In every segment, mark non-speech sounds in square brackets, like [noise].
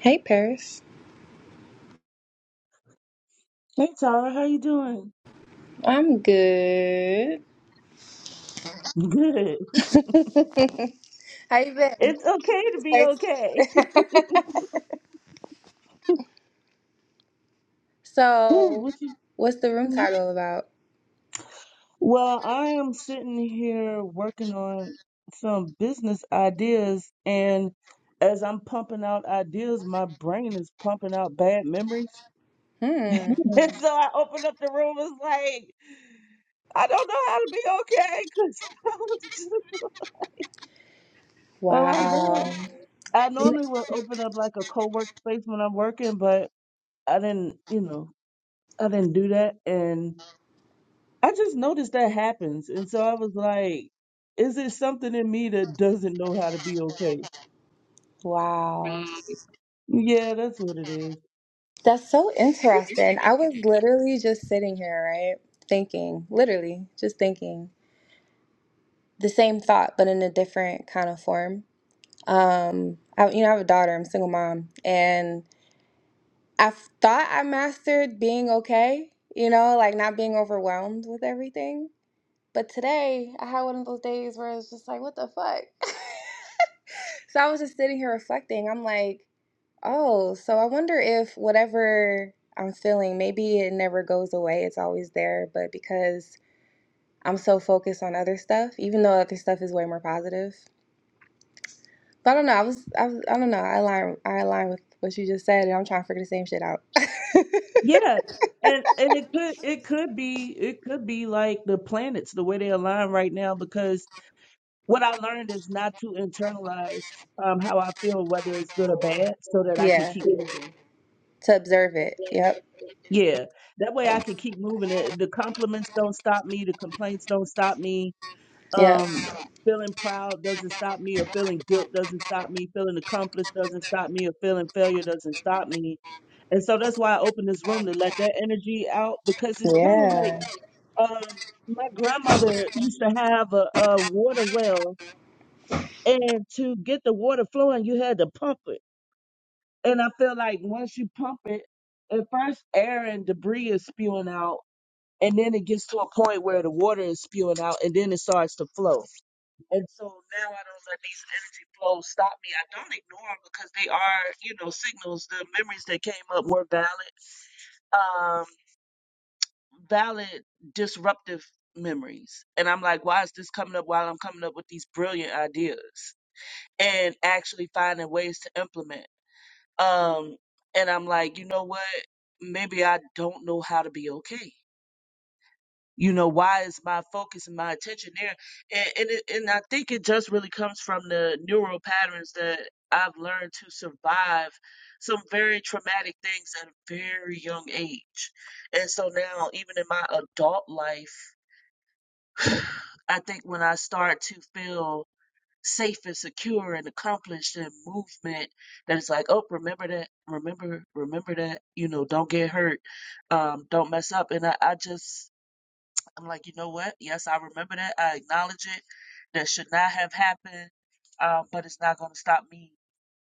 Hey Paris, Hey Tara, how you doing? I'm good. [laughs] Good. How you been? It's okay to be Thanks. okay. [laughs] Whew, So, what you- what's the room hmm. title about? Well, I am sitting here working on some business ideas, and as I'm pumping out ideas, my brain is pumping out bad memories. Hmm. [laughs] And so I opened up the room. It's like I don't know how to be okay because [laughs] I was just oh my Wow. god. I normally would open up like a co-work space when I'm working, but I didn't. You know, I didn't do that, and I just noticed that happens. And so I was like, is it something in me that doesn't know how to be okay? Wow. Yeah, that's what it is. That's so interesting. I was literally just sitting here, right? Thinking, literally, just thinking the same thought, but in a different kind of form. Um, I, you know, I have a daughter. I'm a single mom, and I thought I mastered being okay. You know, like not being overwhelmed with everything But today, I had one of those days where it's just like, what the fuck? [laughs] so I was just sitting here reflecting. I'm like, oh, so I wonder if whatever I'm feeling, maybe it never goes away. It's always there. But because I'm so focused on other stuff, even though other stuff is way more positive. But I don't know. I was, I was, I don't know. I align, I align with what you just said, and I'm trying to figure the same shit out. Yeah. And and it could it could be it could be like the planets, the way they align right now, because what I learned is not to internalize um how I feel, whether it's good or bad, so [laughs] that I can yeah, keep moving. to observe it. Yep. Yeah. That way I can keep moving it. The compliments don't stop me, the complaints don't stop me Yep. um feeling proud doesn't stop me or feeling guilt doesn't stop me feeling accomplished doesn't stop me or feeling failure doesn't stop me and so that's why i opened this room to let that energy out because it's kind of Yeah. like um my grandmother used to have a, a water well and to get the water flowing you had to pump it and i feel like once you pump it at first air and debris is spewing out and then it gets to a point where the water is spewing out and then it starts to flow And so now I don't let these energy flows stop me. I don't ignore them because they are, you know, signals. The memories that came up were valid, um, valid disruptive memories. And I'm like, why is this coming up while I'm coming up with these brilliant ideas and actually finding ways to implement? Um, and I'm like, you know what? Maybe I don't know how to be okay you know why is my focus and my attention there and and, it, and i think it just really comes from the neural patterns that i've learned to survive some very traumatic things at a very young age and so now even in my adult life [sighs] i think when i start to feel safe and secure and accomplished and movement that it's like oh remember that remember remember that you know don't get hurt um don't mess up and i, I just I'm like, you know what? Yes, I remember that. I acknowledge it. That should not have happened. Um, but it's not going to stop me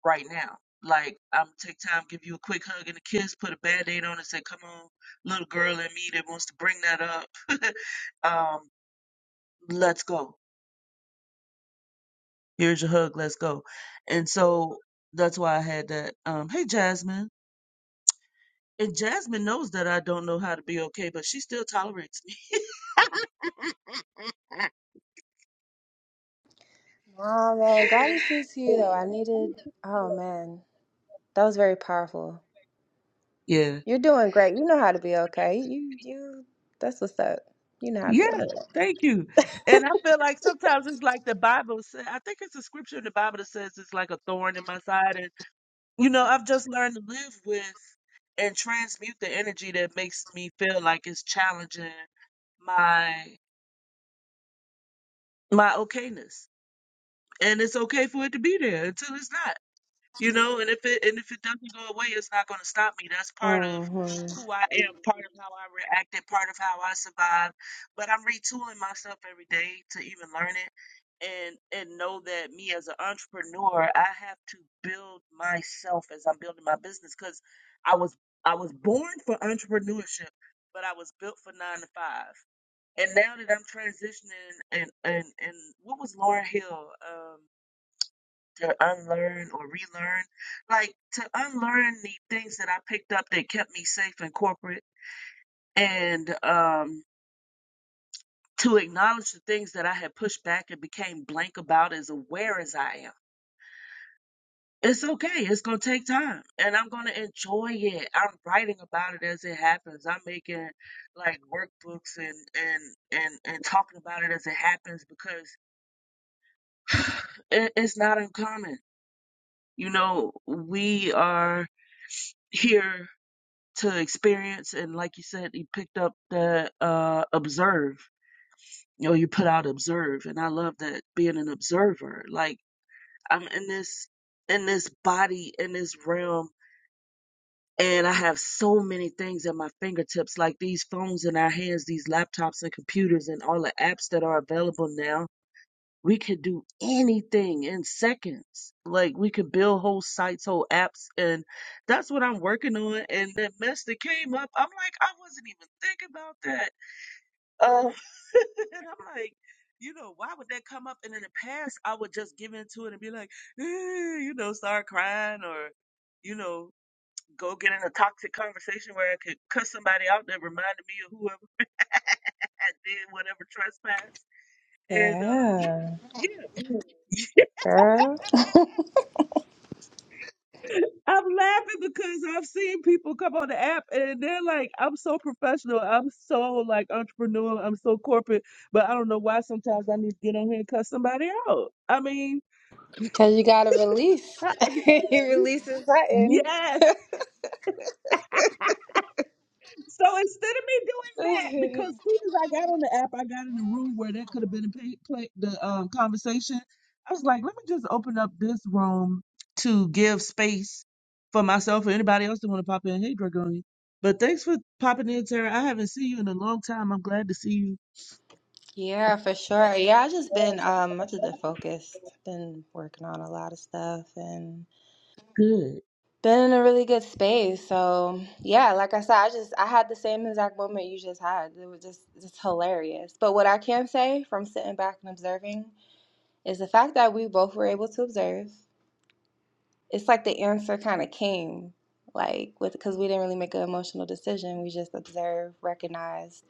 right now. Like, I'm gonna take time, give you a quick hug and a kiss, put a band aid on it, say, come on, little girl in me that wants to bring that up. [laughs] um, let's go. Here's your hug. Let's go. And so that's why I had that. Um, hey, Jasmine. And Jasmine knows that I don't know how to be okay, but she still tolerates me. Oh man, gratitude to you though. I needed. Oh man. That was very powerful. [laughs] yeah. You're doing great. You know how to be okay. You you that's what's up. You know how to Yeah, be okay. thank you. And I feel like sometimes it's like the Bible says. I think it's a scripture in the Bible that says it's like a thorn in my side. And, you know, I've just learned to live with and transmute the energy that makes me feel like it's challenging my my okayness. And it's okay for it to be there until it's not. You know, and if it and if it doesn't go away, it's not going to stop me. That's part of Mm-hmm. who I am, part of how I reacted, part of how I survived. But I'm retooling myself every day to even learn it and and know that me as an entrepreneur, I have to build myself as I'm building my business because I was I was born for entrepreneurship, but I was built for nine to five. And now that I'm transitioning and and and what was Lauren Hill? Um to unlearn or relearn, like to unlearn the things that I picked up that kept me safe in corporate and um, to acknowledge the things that I had pushed back and became blank about as aware as I am. It's okay. It's going to take time and I'm going to enjoy it. I'm writing about it as it happens. I'm making like workbooks and, and, and, and talking about it as it happens because [sighs] it, it's not uncommon. You know, we are here to experience and like you said you picked up that uh observe you know you put out observe and i love that being an observer like i'm in this in this body in this realm and i have so many things at my fingertips like these phones in our hands these laptops and computers and all the apps that are available now we could do anything in seconds. Like we could build whole sites, whole apps, and that's what I'm working on. And that mess that came up, I'm like, I wasn't even thinking about that. Uh, [laughs] and I'm like, you know, why would that come up? And in the past, I would just give into it and be like, eh, you know, start crying or, you know, go get in a toxic conversation where I could cuss somebody out that reminded me of whoever [laughs] I did whatever trespass. And um, Yeah. yeah, Girl. I'm laughing because I've seen people come on the app and they're like, I'm so professional. I'm so like entrepreneurial. I'm so corporate. But I don't know why sometimes I need to get on here and cut somebody out. I mean, Cause you gotta release. I- [laughs] you releasing something. yes, So instead of me doing that, [laughs] because soon as I got on the app, I got in the room where that could have been a pay, play, the um, conversation. I was like, let me just open up this room to give space for myself or anybody else that want to pop in. Hey, Dragonia. But thanks for popping in, Tara. I haven't seen you in a long time. I'm glad to see you. Yeah, for sure. Yeah, I just been um I just been focused, been working on a lot of stuff and Good. been in a really good space. So yeah, like I said, I just I had the same exact moment you just had. It was just just hilarious. But what I can say from sitting back and observing is the fact that we both were able to observe. It's like the answer kind of came, like with because we didn't really make an emotional decision. We just observed, recognized,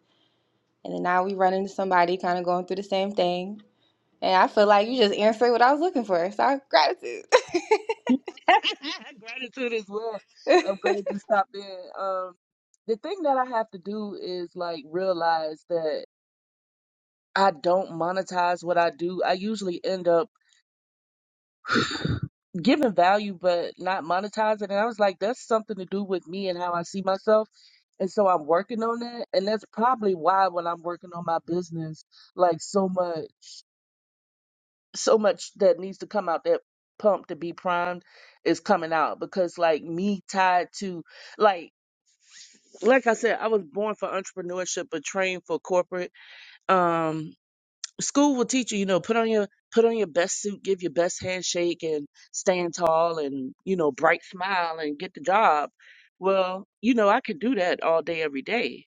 and then now we run into somebody kind of going through the same thing. And I feel like you just answered what I was looking for. So gratitude. [laughs] Gratitude as well. [laughs] I'm glad you stopped in. Um, the thing that I have to do is like realize that. I don't monetize what I do. I usually end up [sighs] giving value but not monetizing. And I was like, that's something to do with me and how I see myself. And so I'm working on that. And that's probably why when I'm working on my business, like so much, so much that needs to come out that pump to be primed is coming out because like me tied to like like I said, I was born for entrepreneurship but trained for corporate. Um school will teach you, you know, put on your put on your best suit, give your best handshake and stand tall and, you know, bright smile and get the job. Well, you know, I could do that all day every day.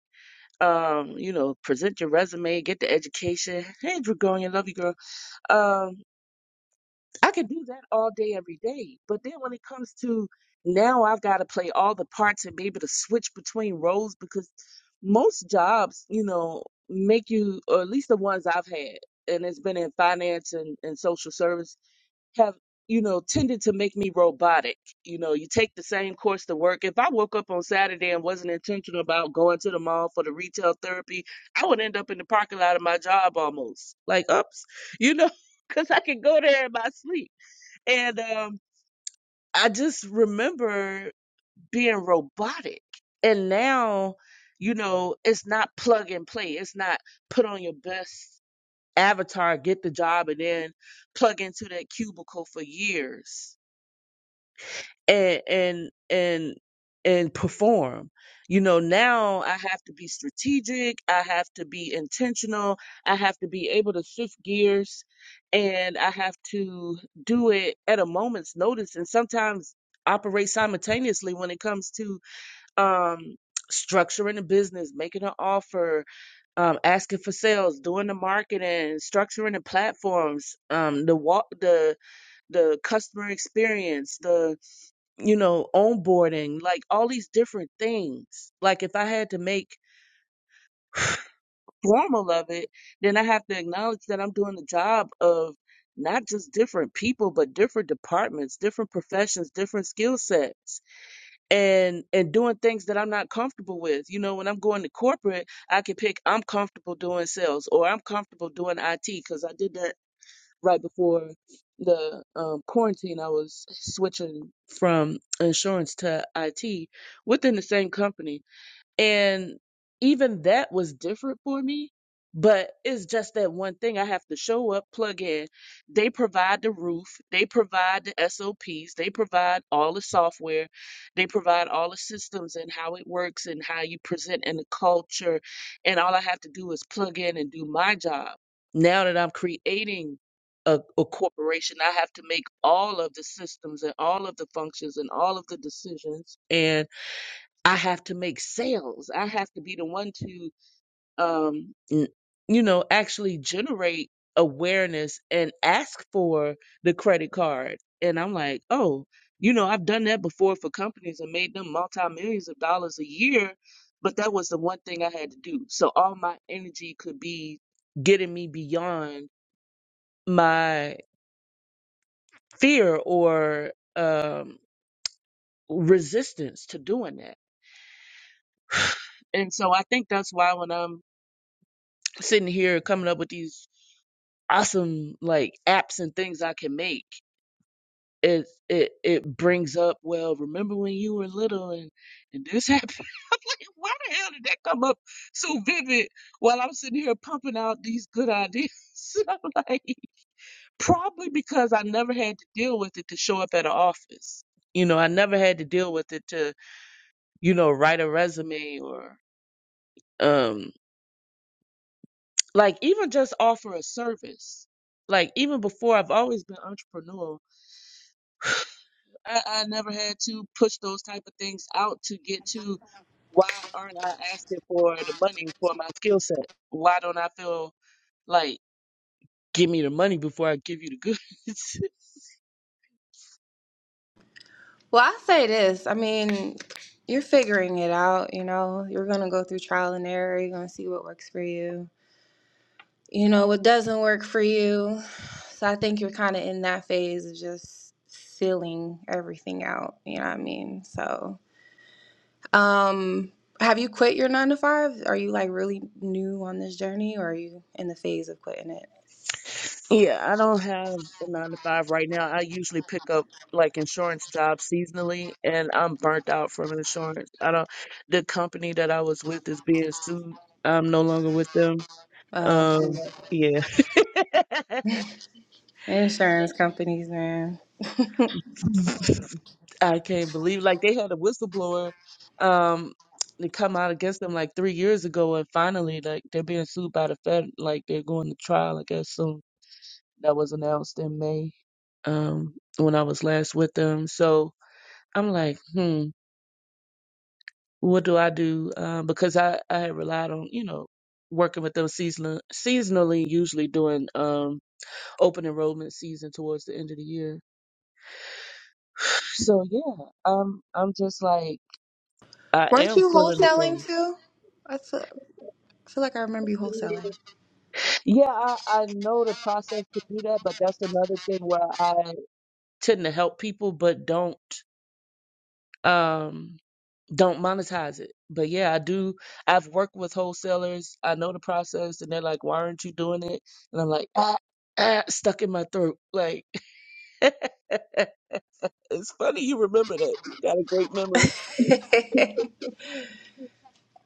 Um, you know, present your resume, get the education. Hey, Dragonia, love you, girl. Um, I could do that all day, every day. But then when it comes to now, I've got to play all the parts and be able to switch between roles because most jobs, you know, make you, or at least the ones I've had, and it's been in finance and, and social service, have, you know, tended to make me robotic. You know, you take the same course to work. If I woke up on Saturday and wasn't intentional about going to the mall for the retail therapy, I would end up in the parking lot of my job almost. Like, oops, you know, [laughs] because I could go there in my sleep and um, I just remember being robotic. And now, you know, it's not plug and play. It's not put on your best avatar, get the job, and then plug into that cubicle for years and and and and perform you know now i have to be strategic i have to be intentional i have to be able to shift gears and i have to do it at a moment's notice and sometimes operate simultaneously when it comes to um structuring a business making an offer um asking for sales doing the marketing structuring the platforms um the walk the the customer experience the you know, onboarding, like all these different things. Like if I had to make formal of it, then I have to acknowledge that I'm doing the job of not just different people, but different departments, different professions, different skill sets, and and doing things that I'm not comfortable with. You know, when I'm going to corporate, I can pick I'm comfortable doing sales or I'm comfortable doing IT because I did that right before the um, quarantine, I was switching from insurance to IT within the same company and even that was different for me. But it's just that one thing I have to show up, plug in. They provide the roof, they provide the SOPs, they provide all the software, they provide all the systems and how it works and how you present and the culture. And all I have to do is plug in and do my job. Now that I'm creating a, a corporation, I have to make all of the systems and all of the functions and all of the decisions. and I have to make sales. I have to be the one to, um, n- you know, actually generate awareness and ask for the credit card. And I'm like, oh, you know, I've done that before for companies and made them multi millions of dollars a year, but that was the one thing I had to do. So all my energy could be getting me beyond my fear or um, resistance to doing that. And so I think that's why when I'm sitting here coming up with these awesome like apps and things I can make. It it it brings up well. Remember when you were little and and this happened? [laughs] I'm like, why the hell did that come up so vivid while I'm sitting here pumping out these good ideas? [laughs] I'm like, probably because I never had to deal with it to show up at an office. You know, I never had to deal with it to you know write a resume or um like even just offer a service like even before i've always been entrepreneurial I, I never had to push those type of things out to get to why aren't i asking for the money for my skill set why don't i feel like give me the money before i give you the goods [laughs] well, I say this. I mean, you're figuring it out. You know, you're gonna go through trial and error. You're gonna see what works for you you know, what doesn't work for you. So I think you're kind of in that phase of just filling everything out. You know what I mean? So, um, have you quit your nine to five? Are you like really new on this journey or are you in the phase of quitting it? Yeah, I don't have a nine to five right now. I usually pick up like insurance jobs seasonally, and I'm burnt out from insurance. I don't, the company that I was with is being sued. I'm no longer with them. Oh, okay. Um, Yeah. [laughs] Insurance companies, man. I can't believe like they had a whistleblower um to come out against them like three years ago and finally like they're being sued by the Fed like they're going to trial I guess soon. that was announced in May um, when I was last with them. So I'm like, hmm, what do I do? Uh, because I, I had relied on, you know, working with them seasonal, seasonally, usually during um, open enrollment season towards the end of the year. So yeah, I'm I'm just like I Weren't am you feeling the wholesaling too? I feel, I feel like I remember you pain. wholesaling. Yeah, I, I know the process to do that, but that's another thing where I tend to help people, but don't. Um, don't monetize it. But yeah, I do. I've worked with wholesalers. I know the process, and they're like, "Why aren't you doing it?" And I'm like, "Ah, ah," stuck in my throat. Like, [laughs] it's funny you remember that. You got a great memory. [laughs]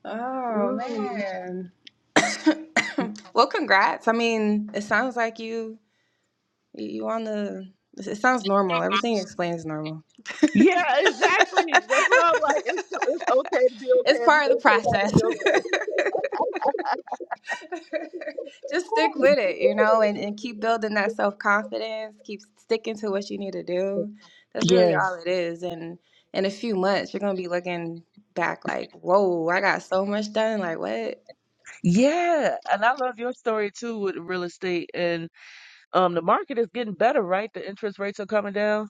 oh, Mm. man. [coughs] well, congrats. I mean, it sounds like you You, you on the? It sounds normal. Everything you explain is normal. Yeah, [laughs] exactly. That's why I'm like, it's it's okay to be it's okay, and part it's of the okay not to process. be [laughs] okay. Just stick with it, you know, and, and keep building that self confidence. Keep sticking to what you need to do. That's really Yeah, all it is. And in a few months, you're gonna be looking back like, whoa, I got so much done. Like what? yeah, and I love your story too with real estate and Um, the market is getting better, right? The interest rates are coming down.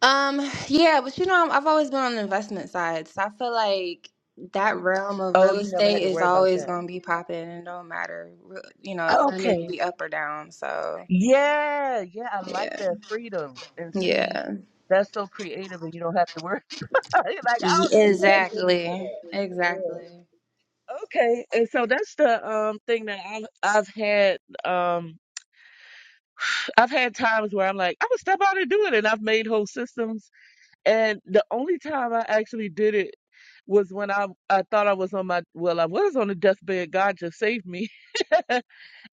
Um, yeah, but you know, I'm- I've always been on the investment side, so I feel like that realm of Oh, real you never had estate to is worry about always that. going to be popping and don't matter, re- you know, economy could Okay. be up or down. So, Yeah, yeah, I like yeah, that freedom. And see, yeah, that's so creative and you don't have to worry [laughs] about it. Like, I Y- don't even plan for exactly, this. Yeah. exactly. Okay. And so that's the um thing that I've I've had um I've had times where I'm like, I'm gonna step out and do it and I've made whole systems And the only time I actually did it was when I I thought I was on my well I was on the deathbed. God just saved me, [laughs]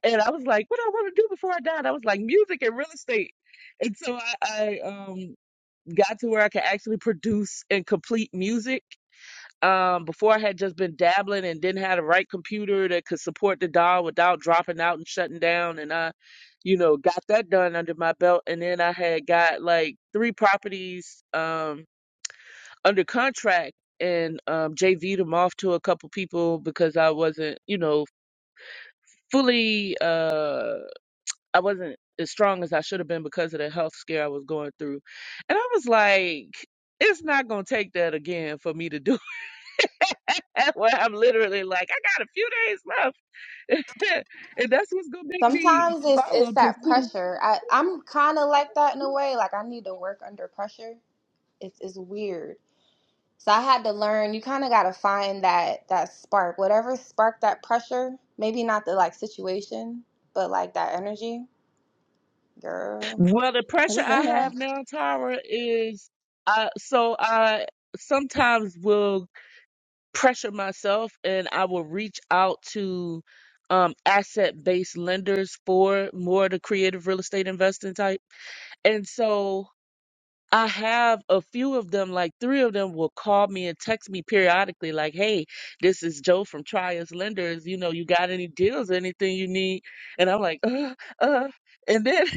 and I was like, what do I want to do before I died? I was like, music and real estate, and so I, I um got to where I could actually produce and complete music. Um, before I had just been dabbling and didn't have the right computer that could support the dial without dropping out and shutting down, and I, you know, got that done under my belt. And then I had got like three properties. Um under contract and um JV'd them off to a couple people because I wasn't, you know, fully uh I wasn't as strong as I should have been because of the health scare I was going through. And I was like, it's not gonna take that again for me to do [laughs] that. Where I'm literally like, I got a few days left. [laughs] and that's what's gonna make me Sometimes it's follow it's and that pursue. pressure. I I'm kind of like that in a way. Like I need to work under pressure. It's it's weird. So I had to learn, you kind of got to find that that spark, whatever sparked that pressure, maybe not the like situation, but like that energy. Girl, Well, the is pressure this is I in there? have now, Tara, is I so I sometimes will pressure myself and I will reach out to um, asset-based lenders for more of the creative real estate investing type. And so I have a few of them, like three of them will call me and text me periodically, like, hey, this is Joe from Trias Lenders. You know, you got any deals, anything you need? And I'm like, uh, uh. And then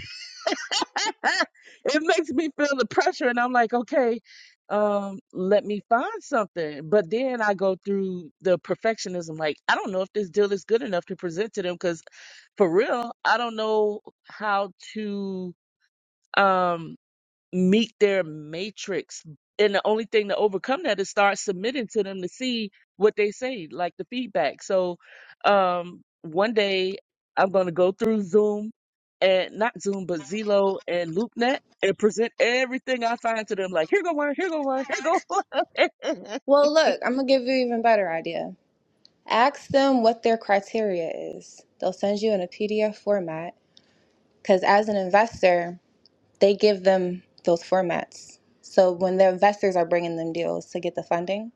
[laughs] it makes me feel the pressure and I'm like, okay, um, let me find something. But then I go through the perfectionism, like, I don't know if this deal is good enough to present to them because for real, I don't know how to um meet their matrix. And the only thing to overcome that is start submitting to them to see what they say, like the feedback. So um, one day I'm going to go through Zoom and not Zoom, but Zillow and LoopNet and present everything I find to them. Like, here go one, here go one, here go one. [laughs] Well, look, I'm gonna give you an even better idea. Ask them what their criteria is. They'll send you in a PDF format because as an investor, they give them those formats. So when the investors are bringing them deals to get the funding,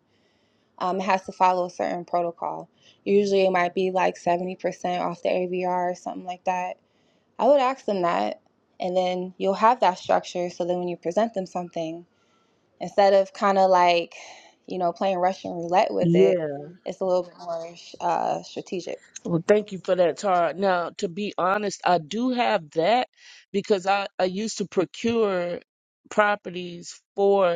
um, it has to follow a certain protocol. Usually it might be like 70% off the ABR or something like that. I would ask them that, and then you'll have that structure so then when you present them something, instead of kind of like, you know, playing Russian roulette with yeah, it, it's a little bit more uh, strategic. Well, thank you for that, Tara. Now, to be honest, I do have that because I, I used to procure properties for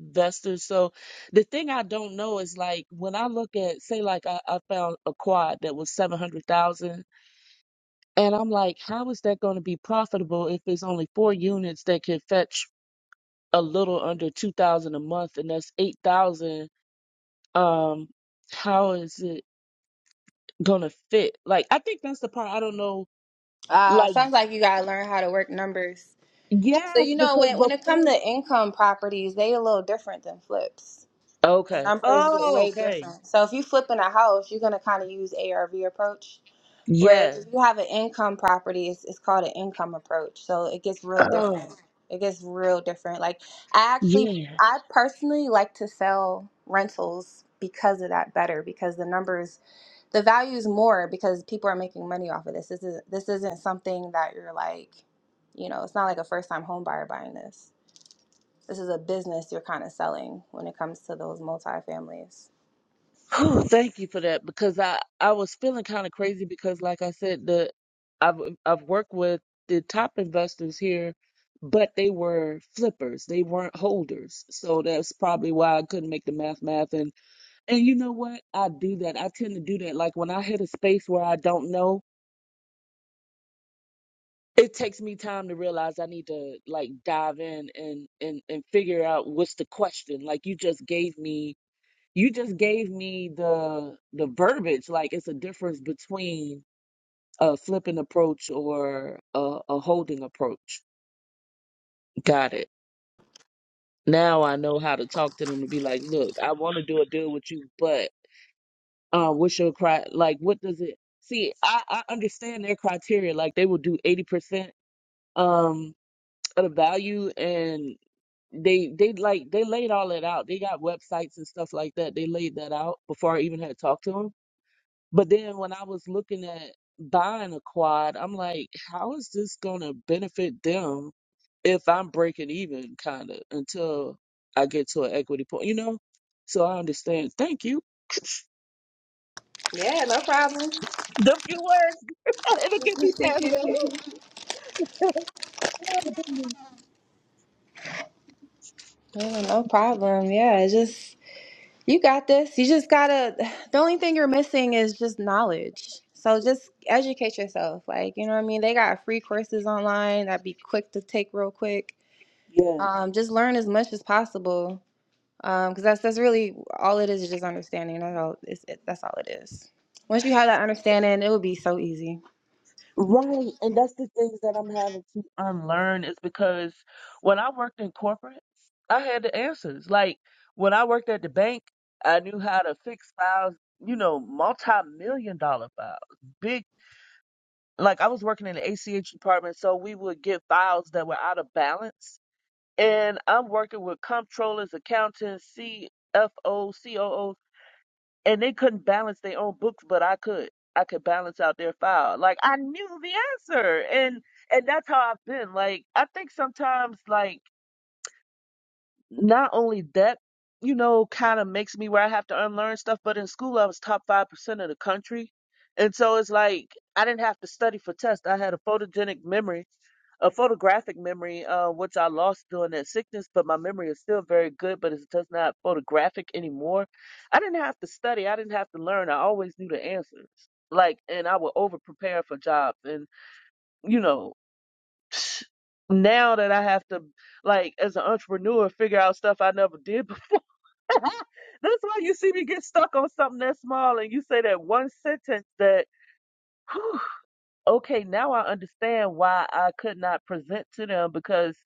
investors. So the thing I don't know is like when I look at, say, like I, I found a quad that was 700,000, and I'm like, how is that going to be profitable if it's only four units that can fetch a little under 2,000 a month and that's 8,000? Um, how is it going to fit? Like, I think that's the part I don't know like, Uh, sounds like you gotta learn how to work numbers. So Yes, you know because when when it comes before. to income properties, they a little different than flips. The Okay. numbers get Oh, way okay. different. So if you flipping a house, you're gonna kind of use ARV approach Whereas Yes. if you have an income property, it's, it's called an income approach. So it gets real Oh, different. It gets real different. Like I actually, yeah. I personally like to sell rentals because of that better because the numbers, the value is more because people are making money off of this. This is this isn't something that you're like, you know, it's not like a first time home buyer buying this. This is a business you're kind of selling when it comes to those multi-families. Whew, thank you for that because I I was feeling kind of crazy because like I said the I've I've worked with the top investors here, but they were flippers. They weren't holders. So that's probably why I couldn't make the math math and and you know what? I do that. I tend to do that. Like when I hit a space where I don't know. it takes me time to realize I need to like dive in and and and figure out what's the question. Like you just gave me you just gave me the the verbiage. Like it's a difference between a flipping approach or a, a holding approach. Got it. Now I know how to talk to them to be like, look, I want to do a deal with you, but uh, what's your cri? Like, what does it? See, I, I understand their criteria. Like they will do eighty percent um of the value and they they like they laid all that out. They got websites and stuff like that. They laid that out before I even had talked to them. But then when I was looking at buying a quad, I'm like, how is this gonna benefit them if I'm breaking even kind of until I get to an equity point, you know? So I understand. Thank you. Yeah, no problem. The few words [laughs] it'll get me past [laughs] that. [laughs] Yeah, no problem. Yeah, it's just You got this. You just gotta, [sighs] the only thing you're missing is just knowledge. So just educate yourself. Like, you know what I mean? They got free courses online that'd be quick to take real quick. Yeah. Um, just learn as much as possible. Um, 'cause that's that's really all it is is just understanding. That's all it's, it, that's all it is. Once you have that understanding, it would be so easy. Right. And that's the things that I'm having to unlearn is because when I worked in corporate, I had the answers. Like when I worked at the bank, I knew how to fix files, you know, multi-million dollar files, big, like I was working in the ACH department, so we would get files that were out of balance. And I'm working with comptrollers, accountants, CFO, COO and they couldn't balance their own books, but I could. I could balance out their file. Like I knew the answer, and and that's how I've been. Like I think sometimes, like not only that, you know, kind of makes me where I have to unlearn stuff. But in school, I was top five percent of the country, and so it's like I didn't have to study for tests. I had a photogenic memory a photographic memory, uh, which I lost during that sickness, but my memory is still very good, but it's just not photographic anymore. I didn't have to study, I didn't have to learn. I always knew the answers. Like, and I would over prepare for jobs. And, you know, [sighs] [sniffs] now that I have to, like, as an entrepreneur, figure out stuff I never did. [laughs] before. That's why you see me get stuck on something that small and you say that one sentence that. [sighs] whew, okay, now I understand why I could not present to them because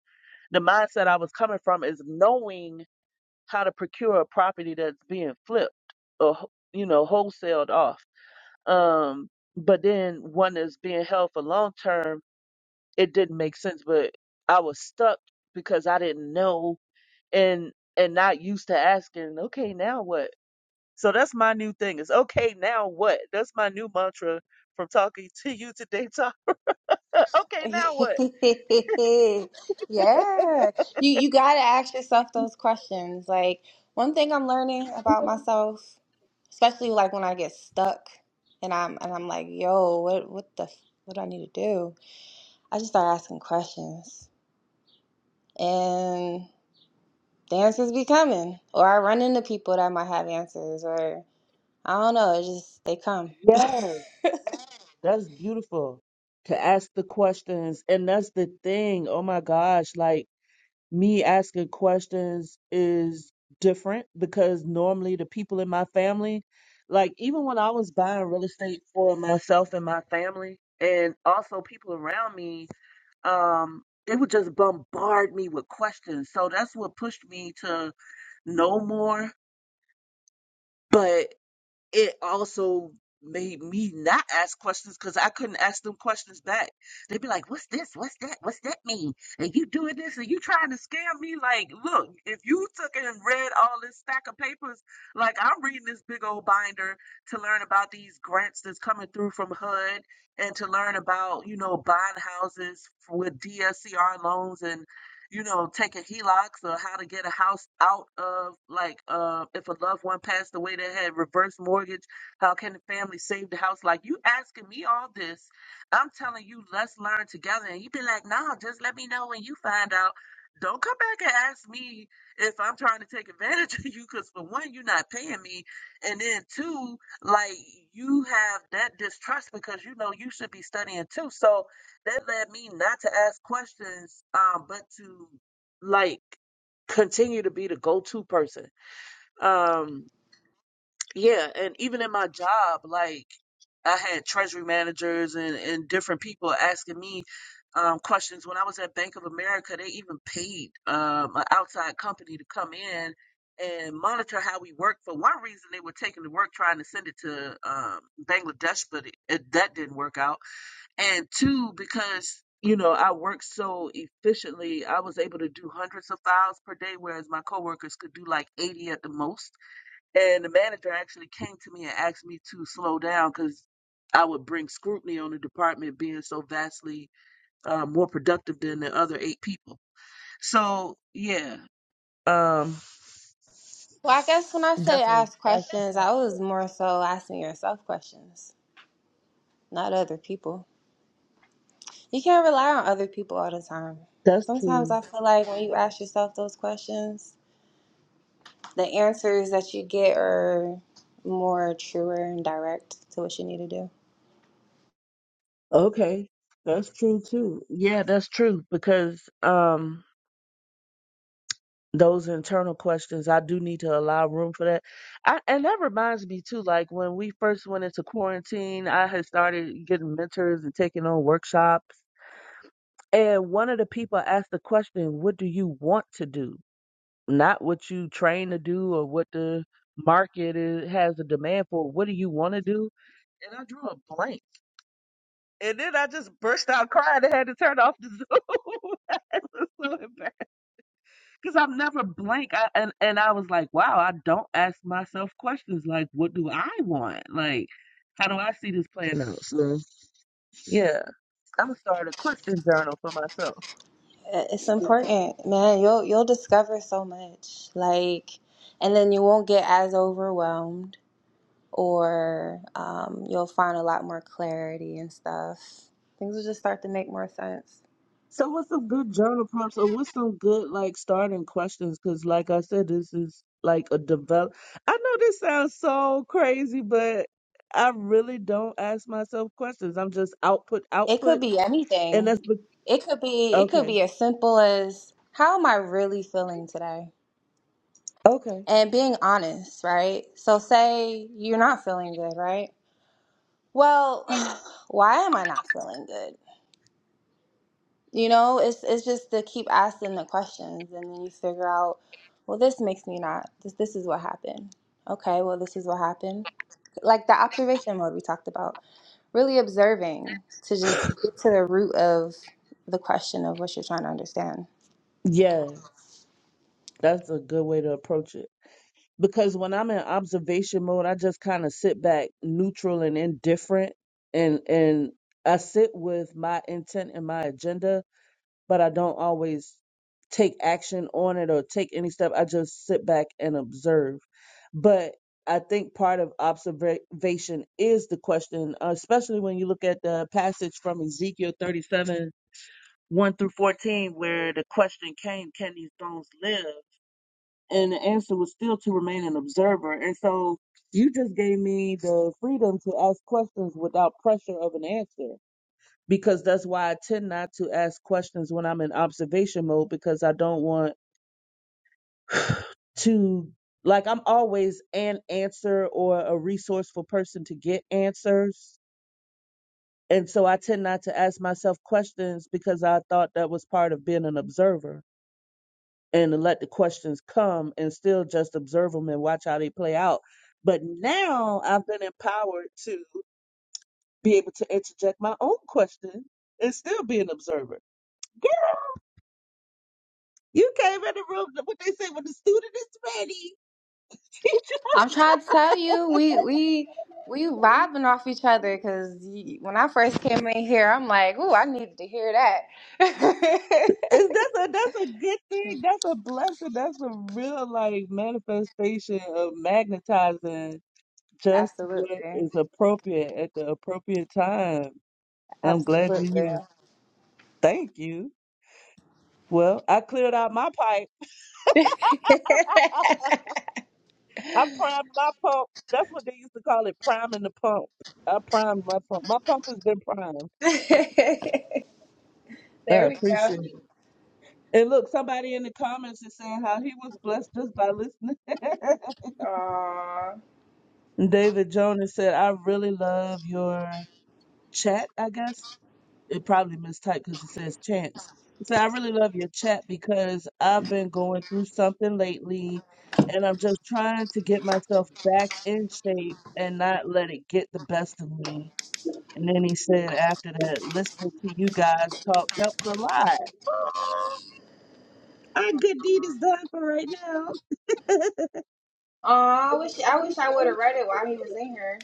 the mindset I was coming from is knowing how to procure a property that's being flipped or wh- you know wholesaled off. Um, but then one that's being held for long term, it didn't make sense. But I was stuck because I didn't know and and not used to asking. Okay, now what? So that's my new thing. Is okay now what? That's my new mantra from talking to you today. Talk. [laughs] Okay, now what? [laughs] Yeah. You you gotta ask yourself those questions. Like one thing I'm learning about myself, especially like when I get stuck and I'm and I'm like, yo, what what the f- what do I need to do? I just start asking questions. And the answers be coming. Or I run into people that might have answers or I don't know, it just they come. [laughs] Yes, that's beautiful to ask the questions. And that's the thing. Oh my gosh, like me asking questions is different because normally the people in my family, like even when I was buying real estate for myself and my family, and also people around me, um, they would just bombard me with questions. So that's what pushed me to know more. but. it also made me not ask questions because I couldn't ask them questions back. They'd be like, "What's this? What's that? What's that mean? And you doing this? And you trying to scam me? Like, look, if you took and read all this stack of papers, like I'm reading this big old binder to learn about these grants that's coming through from HUD and to learn about you know buying houses with DSCR loans and you know, taking HELOCs or how to get a house out of like uh if a loved one passed away that had reverse mortgage, how can the family save the house? Like you asking me all this, I'm telling you, let's learn together. And you be like, no, just let me know when you find out. Don't come back and ask me if I'm trying to take advantage [laughs] of you because for one, you're not paying me, and then two, like you have that distrust because you know you should be studying too. So that led me not to ask questions, um, but to like continue to be the go-to person. Um, yeah, and even in my job, like I had treasury managers and, and different people asking me um, questions. When I was at Bank of America, they even paid um, an outside company to come in and monitor how we work. For one reason, they were taking the work, trying to send it to um, Bangladesh, but it, it, that didn't work out and two because you know i worked so efficiently i was able to do hundreds of files per day whereas my coworkers could do like 80 at the most and the manager actually came to me and asked me to slow down because i would bring scrutiny on the department being so vastly uh, more productive than the other eight people so yeah um Well, I guess when I say definitely ask that's, questions, I was more so asking yourself questions. not other people. You can't rely on other people all the time. that's Sometimes true I feel like when you ask yourself those questions, the answers that you get are more truer and direct to what you need to do. okay that's true too yeah that's true because um those internal questions i do need to allow room for that I, and that reminds me too like when we first went into quarantine i had started getting mentors and taking on workshops and one of the people asked the question what do you want to do not what you train to do or what the market is, has a demand for what do you want to do and i drew a blank and then i just burst out crying and had to turn off the zoom [laughs] I was so embarrassed. Because I'm never blank. I, and, and I was like, wow, I don't ask myself questions like, what do I want? Like, how do I see this playing out? So, yeah, I'm going to start a question journal for myself. It's important, man. You'll you'll discover so much, like, and then you won't get as overwhelmed, or um, you'll find a lot more clarity and stuff. Things will just start to make more sense. So, what's some good journal prompts or what's some good, like, starting questions? Because, like I said, this is like a develop. I know this sounds so crazy, but I really don't ask myself questions. I'm just output, It could output. be And anything. that's, be- It could be it could okay. be as simple as how am I really feeling today? Okay. And being honest, right? So say you're not feeling good, right? Well, [sighs] why am I not feeling good? You know, it's it's just to keep asking the questions and then you figure out, well, this makes me not this this is what happened. Okay, well, this is what happened. Like the observation mode we talked about, really observing to just get to the root of the question of what you're trying to understand. Yeah, that's a good way to approach it. because when I'm in observation mode, I just kind of sit back, neutral and indifferent, and and I sit with my intent and my agenda, but I don't always take action on it or take any step. I just sit back and observe. But I think part of observation is the question, uh, especially when you look at the passage from Ezekiel 37, 1 through 14, where the question came, can these bones live? and the answer was still to remain an observer. And so you just gave me the freedom to ask questions without pressure of an answer because that's why I tend not to ask questions when I'm in observation mode because I don't want to like I'm always an answer or a resourceful person to get answers. And so I tend not to ask myself questions because I thought that was part of being an observer. and to let the questions come and still just observe them and watch how they play out. But now I've been empowered to be able to interject my own question and still be an observer. Girl, you came in the room, what they say, when the student is ready. I'm trying to tell you, we we we [laughs] vibing off each other because when I first came in here, I'm like, ooh, I needed to hear that. Is that's a that's a good thing. That's a blessing. That's a real like manifestation of magnetizing [laughs] just what absolutely, is appropriate at the appropriate time. I'm glad you're absolutely. here. Thank you. Well, I cleared out my pipe. [laughs] I primed my pump. That's what they used to call it, priming the pump. I primed my pump. My pump has been primed. I there we go. appreciate it. And look, somebody in the comments is saying how he was blessed just by listening. Aw, [laughs] David Jonas said, I really love your chat, I guess. It probably mistyped because it says chance. He said, I really love your chat because I've been going through something lately and I'm just trying to get myself back in shape and not let it get the best of me. And then he said after that, listening to you guys talk helps a lot. Our good deed is done for right now. Aw, I wish I wish I would have read it while he was in here.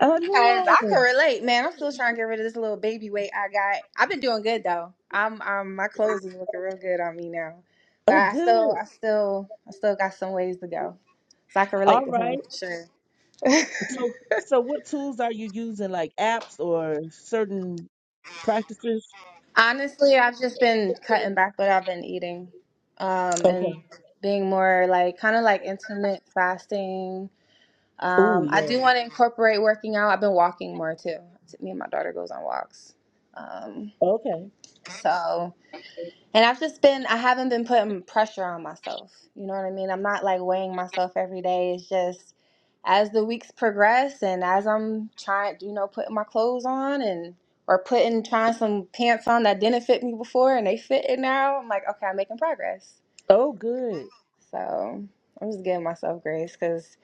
I Cause know. I can relate, man. I'm still trying to get rid of this little baby weight I got. I've been doing good though. I'm, I'm, my clothes is looking real good on me now. But Oh, I good. still, I still, I still got some ways to go. So I can relate All to him right. for sure. [laughs] So, so what tools are you using, like apps or certain practices? Honestly, I've just been cutting back what I've been eating, um, Okay. and being more like kind of like intermittent fasting. Oh, Um, I yeah. do want to incorporate working out. I've been walking more too. Me and my daughter goes on walks. Um, Okay. so. And I've just been, I haven't been putting pressure on myself. You know what I mean? I'm not like weighing myself every day. It's just as the weeks progress and as I'm trying, you know, putting my clothes on and, or putting, trying some pants on that didn't fit me before and they fit it now, I'm like, okay, I'm making progress. Oh, good. So I'm just giving myself grace because,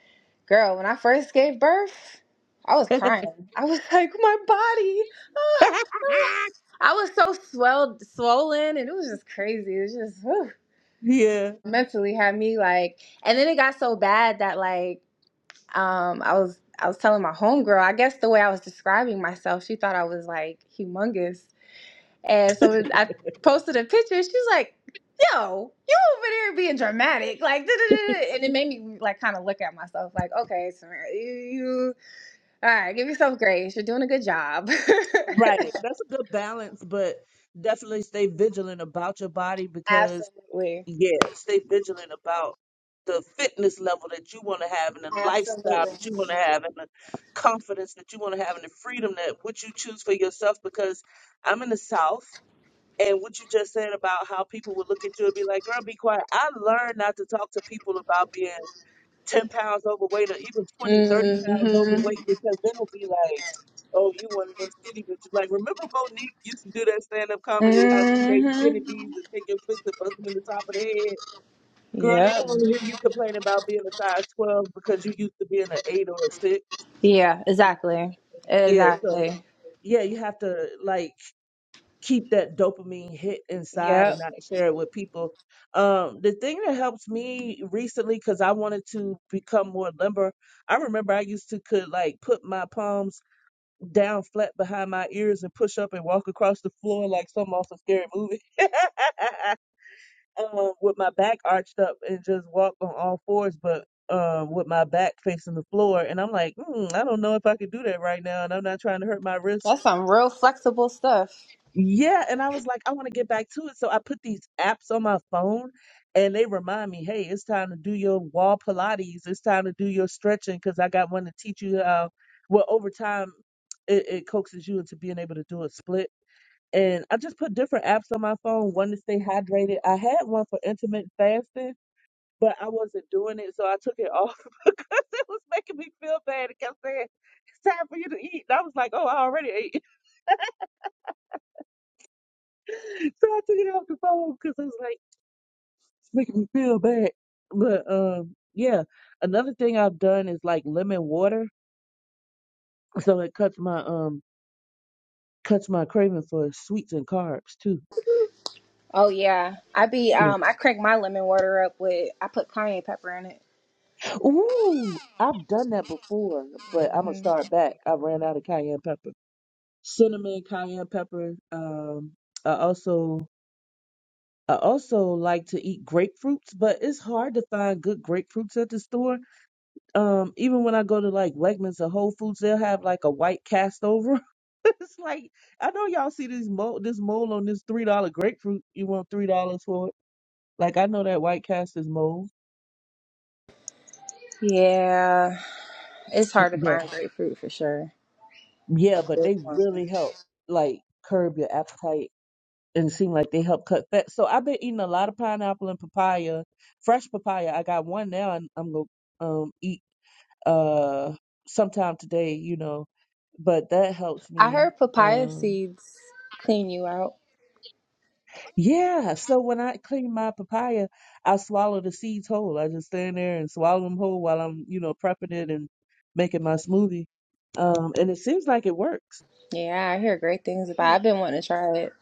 girl, when I first gave birth, I was [laughs] crying. I was [laughs] like, my body. [sighs] ah, ah." I was so swelled, swollen, and it was just crazy. It was just, whew yeah, mentally had me like and then it got so bad that like um I was I was telling my homegirl, I guess the way I was describing myself, she thought I was like humongous. And so I posted a picture, she's like, Yo, you over there being dramatic, like da-da-da-da," and it made me like kind of look at myself like, okay, Samara, you, you all right, give yourself grace. You're doing a good job. right. That's a good balance, but definitely stay vigilant about your body [laughs] because, Absolutely. yeah, stay vigilant about the fitness level that you want to have and the lifestyle Absolutely. that you want to have and the confidence that you want to have and the freedom that what you choose for yourself. Because I'm in the South. And what you just said about how people would look at you and be like, girl, be quiet. I learned not to talk to people about being 10 pounds overweight or even twenty, 30 pounds hmm overweight because they will be like, oh, you one of them skinny bitches. Like, remember Monique used to do that stand up comedy how she hates hmm skinny bees and taking fists and bust them in the top of the head? Girl, they Yep. don't want to hear you complain about being a size 12 because you used to being an 8 or a 6. Yeah, exactly. Yeah, so Exactly. yeah, you have to like keep that dopamine hit inside and Yep. not share it with people. Um, the thing that helps me recently, because I wanted to become more limber, I remember I used to could like put my palms down flat behind my ears and push up and walk across the floor like something off a scary movie, [laughs] um, with my back arched up and just walk on all fours, but um, with my back facing the floor. And I'm like, hmm, I don't know if I could do that right now, and I'm not trying to hurt my wrists That's some real flexible stuff. yeah, and I was like, I want to get back to it. So I put these apps on my phone and they remind me, hey, it's time to do your wall Pilates. It's time to do your stretching because I got one to teach you how, well, over time, it, it coaxes you into being able to do a split. And I just put different apps on my phone, one to stay hydrated. I had one for intermittent fasting, but I wasn't doing it. So I took it off [laughs] because it was making me feel bad. It kept saying, it's time for you to eat. And I was like, oh, I already ate. [laughs] So I took it off the phone because I was like, make me feel bad. But um, yeah, another thing I've done is like lemon water, so it cuts my um cuts my craving for sweets and carbs too. Oh yeah. I be Yeah. um I crank my lemon water up with I put cayenne pepper in it. Ooh, I've done that before, but I'm gonna hmm start back. I ran out of cayenne pepper, cinnamon, cayenne pepper. Um, I also I also like to eat grapefruits, but it's hard to find good grapefruits at the store. Um, even when I go to like Wegmans or Whole Foods, they'll have like a white cast over [laughs] It's like I know y'all see this mold, this mold on this three dollar grapefruit. You want three dollars for it? Like I know that white cast is mold, Yeah. It's hard to but find grapefruit for sure. yeah, A but good they one. really help like curb your appetite and seem like they help cut fat. So I've been eating a lot of pineapple and papaya, fresh papaya. I got one now, and I'm gonna um eat uh sometime today. You know, but that helps I me. heard papaya Um, seeds clean you out. Yeah. So when I clean my papaya, I swallow the seeds whole. I just stand there and swallow them whole while I'm, you know, prepping it and making my smoothie. Um, and it seems like it works. Yeah, I hear great things about it. I've been wanting to try it.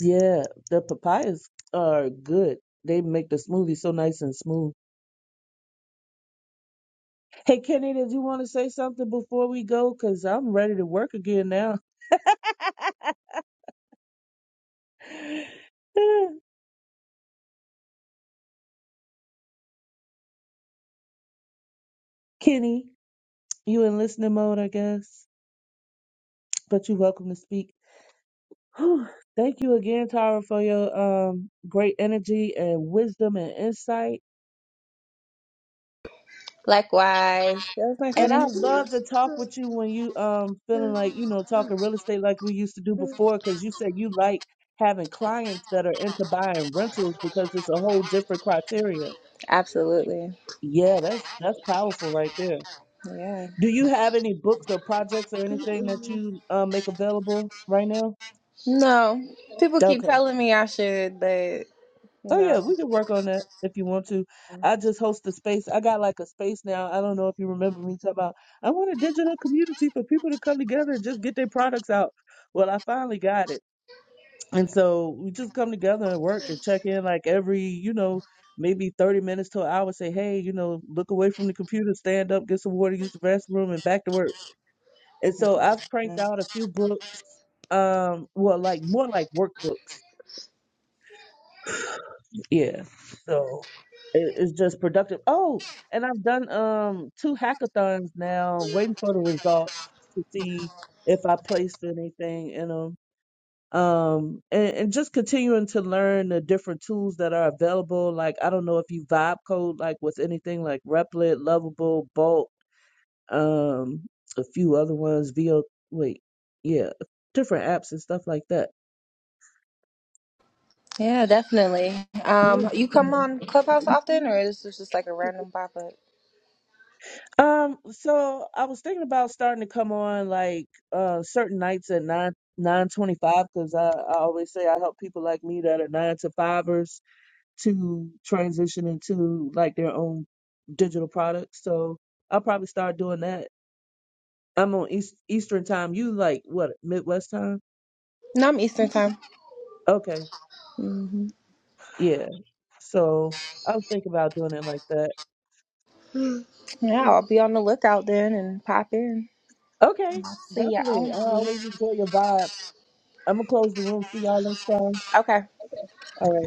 Yeah, the papayas are good. They make the smoothie so nice and smooth. Hey, Kenny, did you want to say something before we go? Because I'm ready to work again now. [sighs] [laughs] Kenny, you in listening mode, I guess, but you're welcome to speak. Whew. Thank you again, Tara, for your um, great energy and wisdom and insight. Likewise. That was nice And running I into love to talk with you when you um feeling like you know talking real estate like we used to do you. before, because you said you like having clients that are into buying rentals because it's a whole different criteria. Absolutely. Yeah, that's that's powerful right there. Yeah. Do you have any books or projects or anything that you uh, make available right now? No, people Okay. keep telling me I should, but Oh yeah, no. we can work on that if you want to. I just host a space. I got like a space now. I don't know if you remember me talking about I want a digital community for people to come together and just get their products out. Well, I finally got it. And so we just come together and work and check in like every, you know, maybe 30 minutes to an hour, say, hey, you know, look away from the computer, stand up, get some water, use the restroom, and back to work. And so I've cranked out a few books, um, well, like more like workbooks yeah. So it, it's just productive. Oh, and I've done um two hackathons now, waiting for the results to see if I placed anything in them. Um, and, and just continuing to learn the different tools that are available. Like I don't know if you vibe code like with anything like Replit, Lovable, Bolt, um, a few other ones. VO, wait, yeah, different apps and stuff like that. Yeah, definitely. Um, you come on Clubhouse often, or is this just like a random pop up? Um, so I was thinking about starting to come on like uh certain nights at nine nine twenty five because I, I always say I help people like me that are nine to fivers to transition into like their own digital products. So I'll probably start doing that. I'm on East Eastern time. You like what Midwest time? No, I'm Eastern time. Okay, hmm yeah. So I was thinking about doing it like that. Yeah, I'll be on the lookout then and pop in. Okay, See definitely. I y'all. always enjoy your vibe. I'm gonna close the room. See y'all next time. Okay. All right.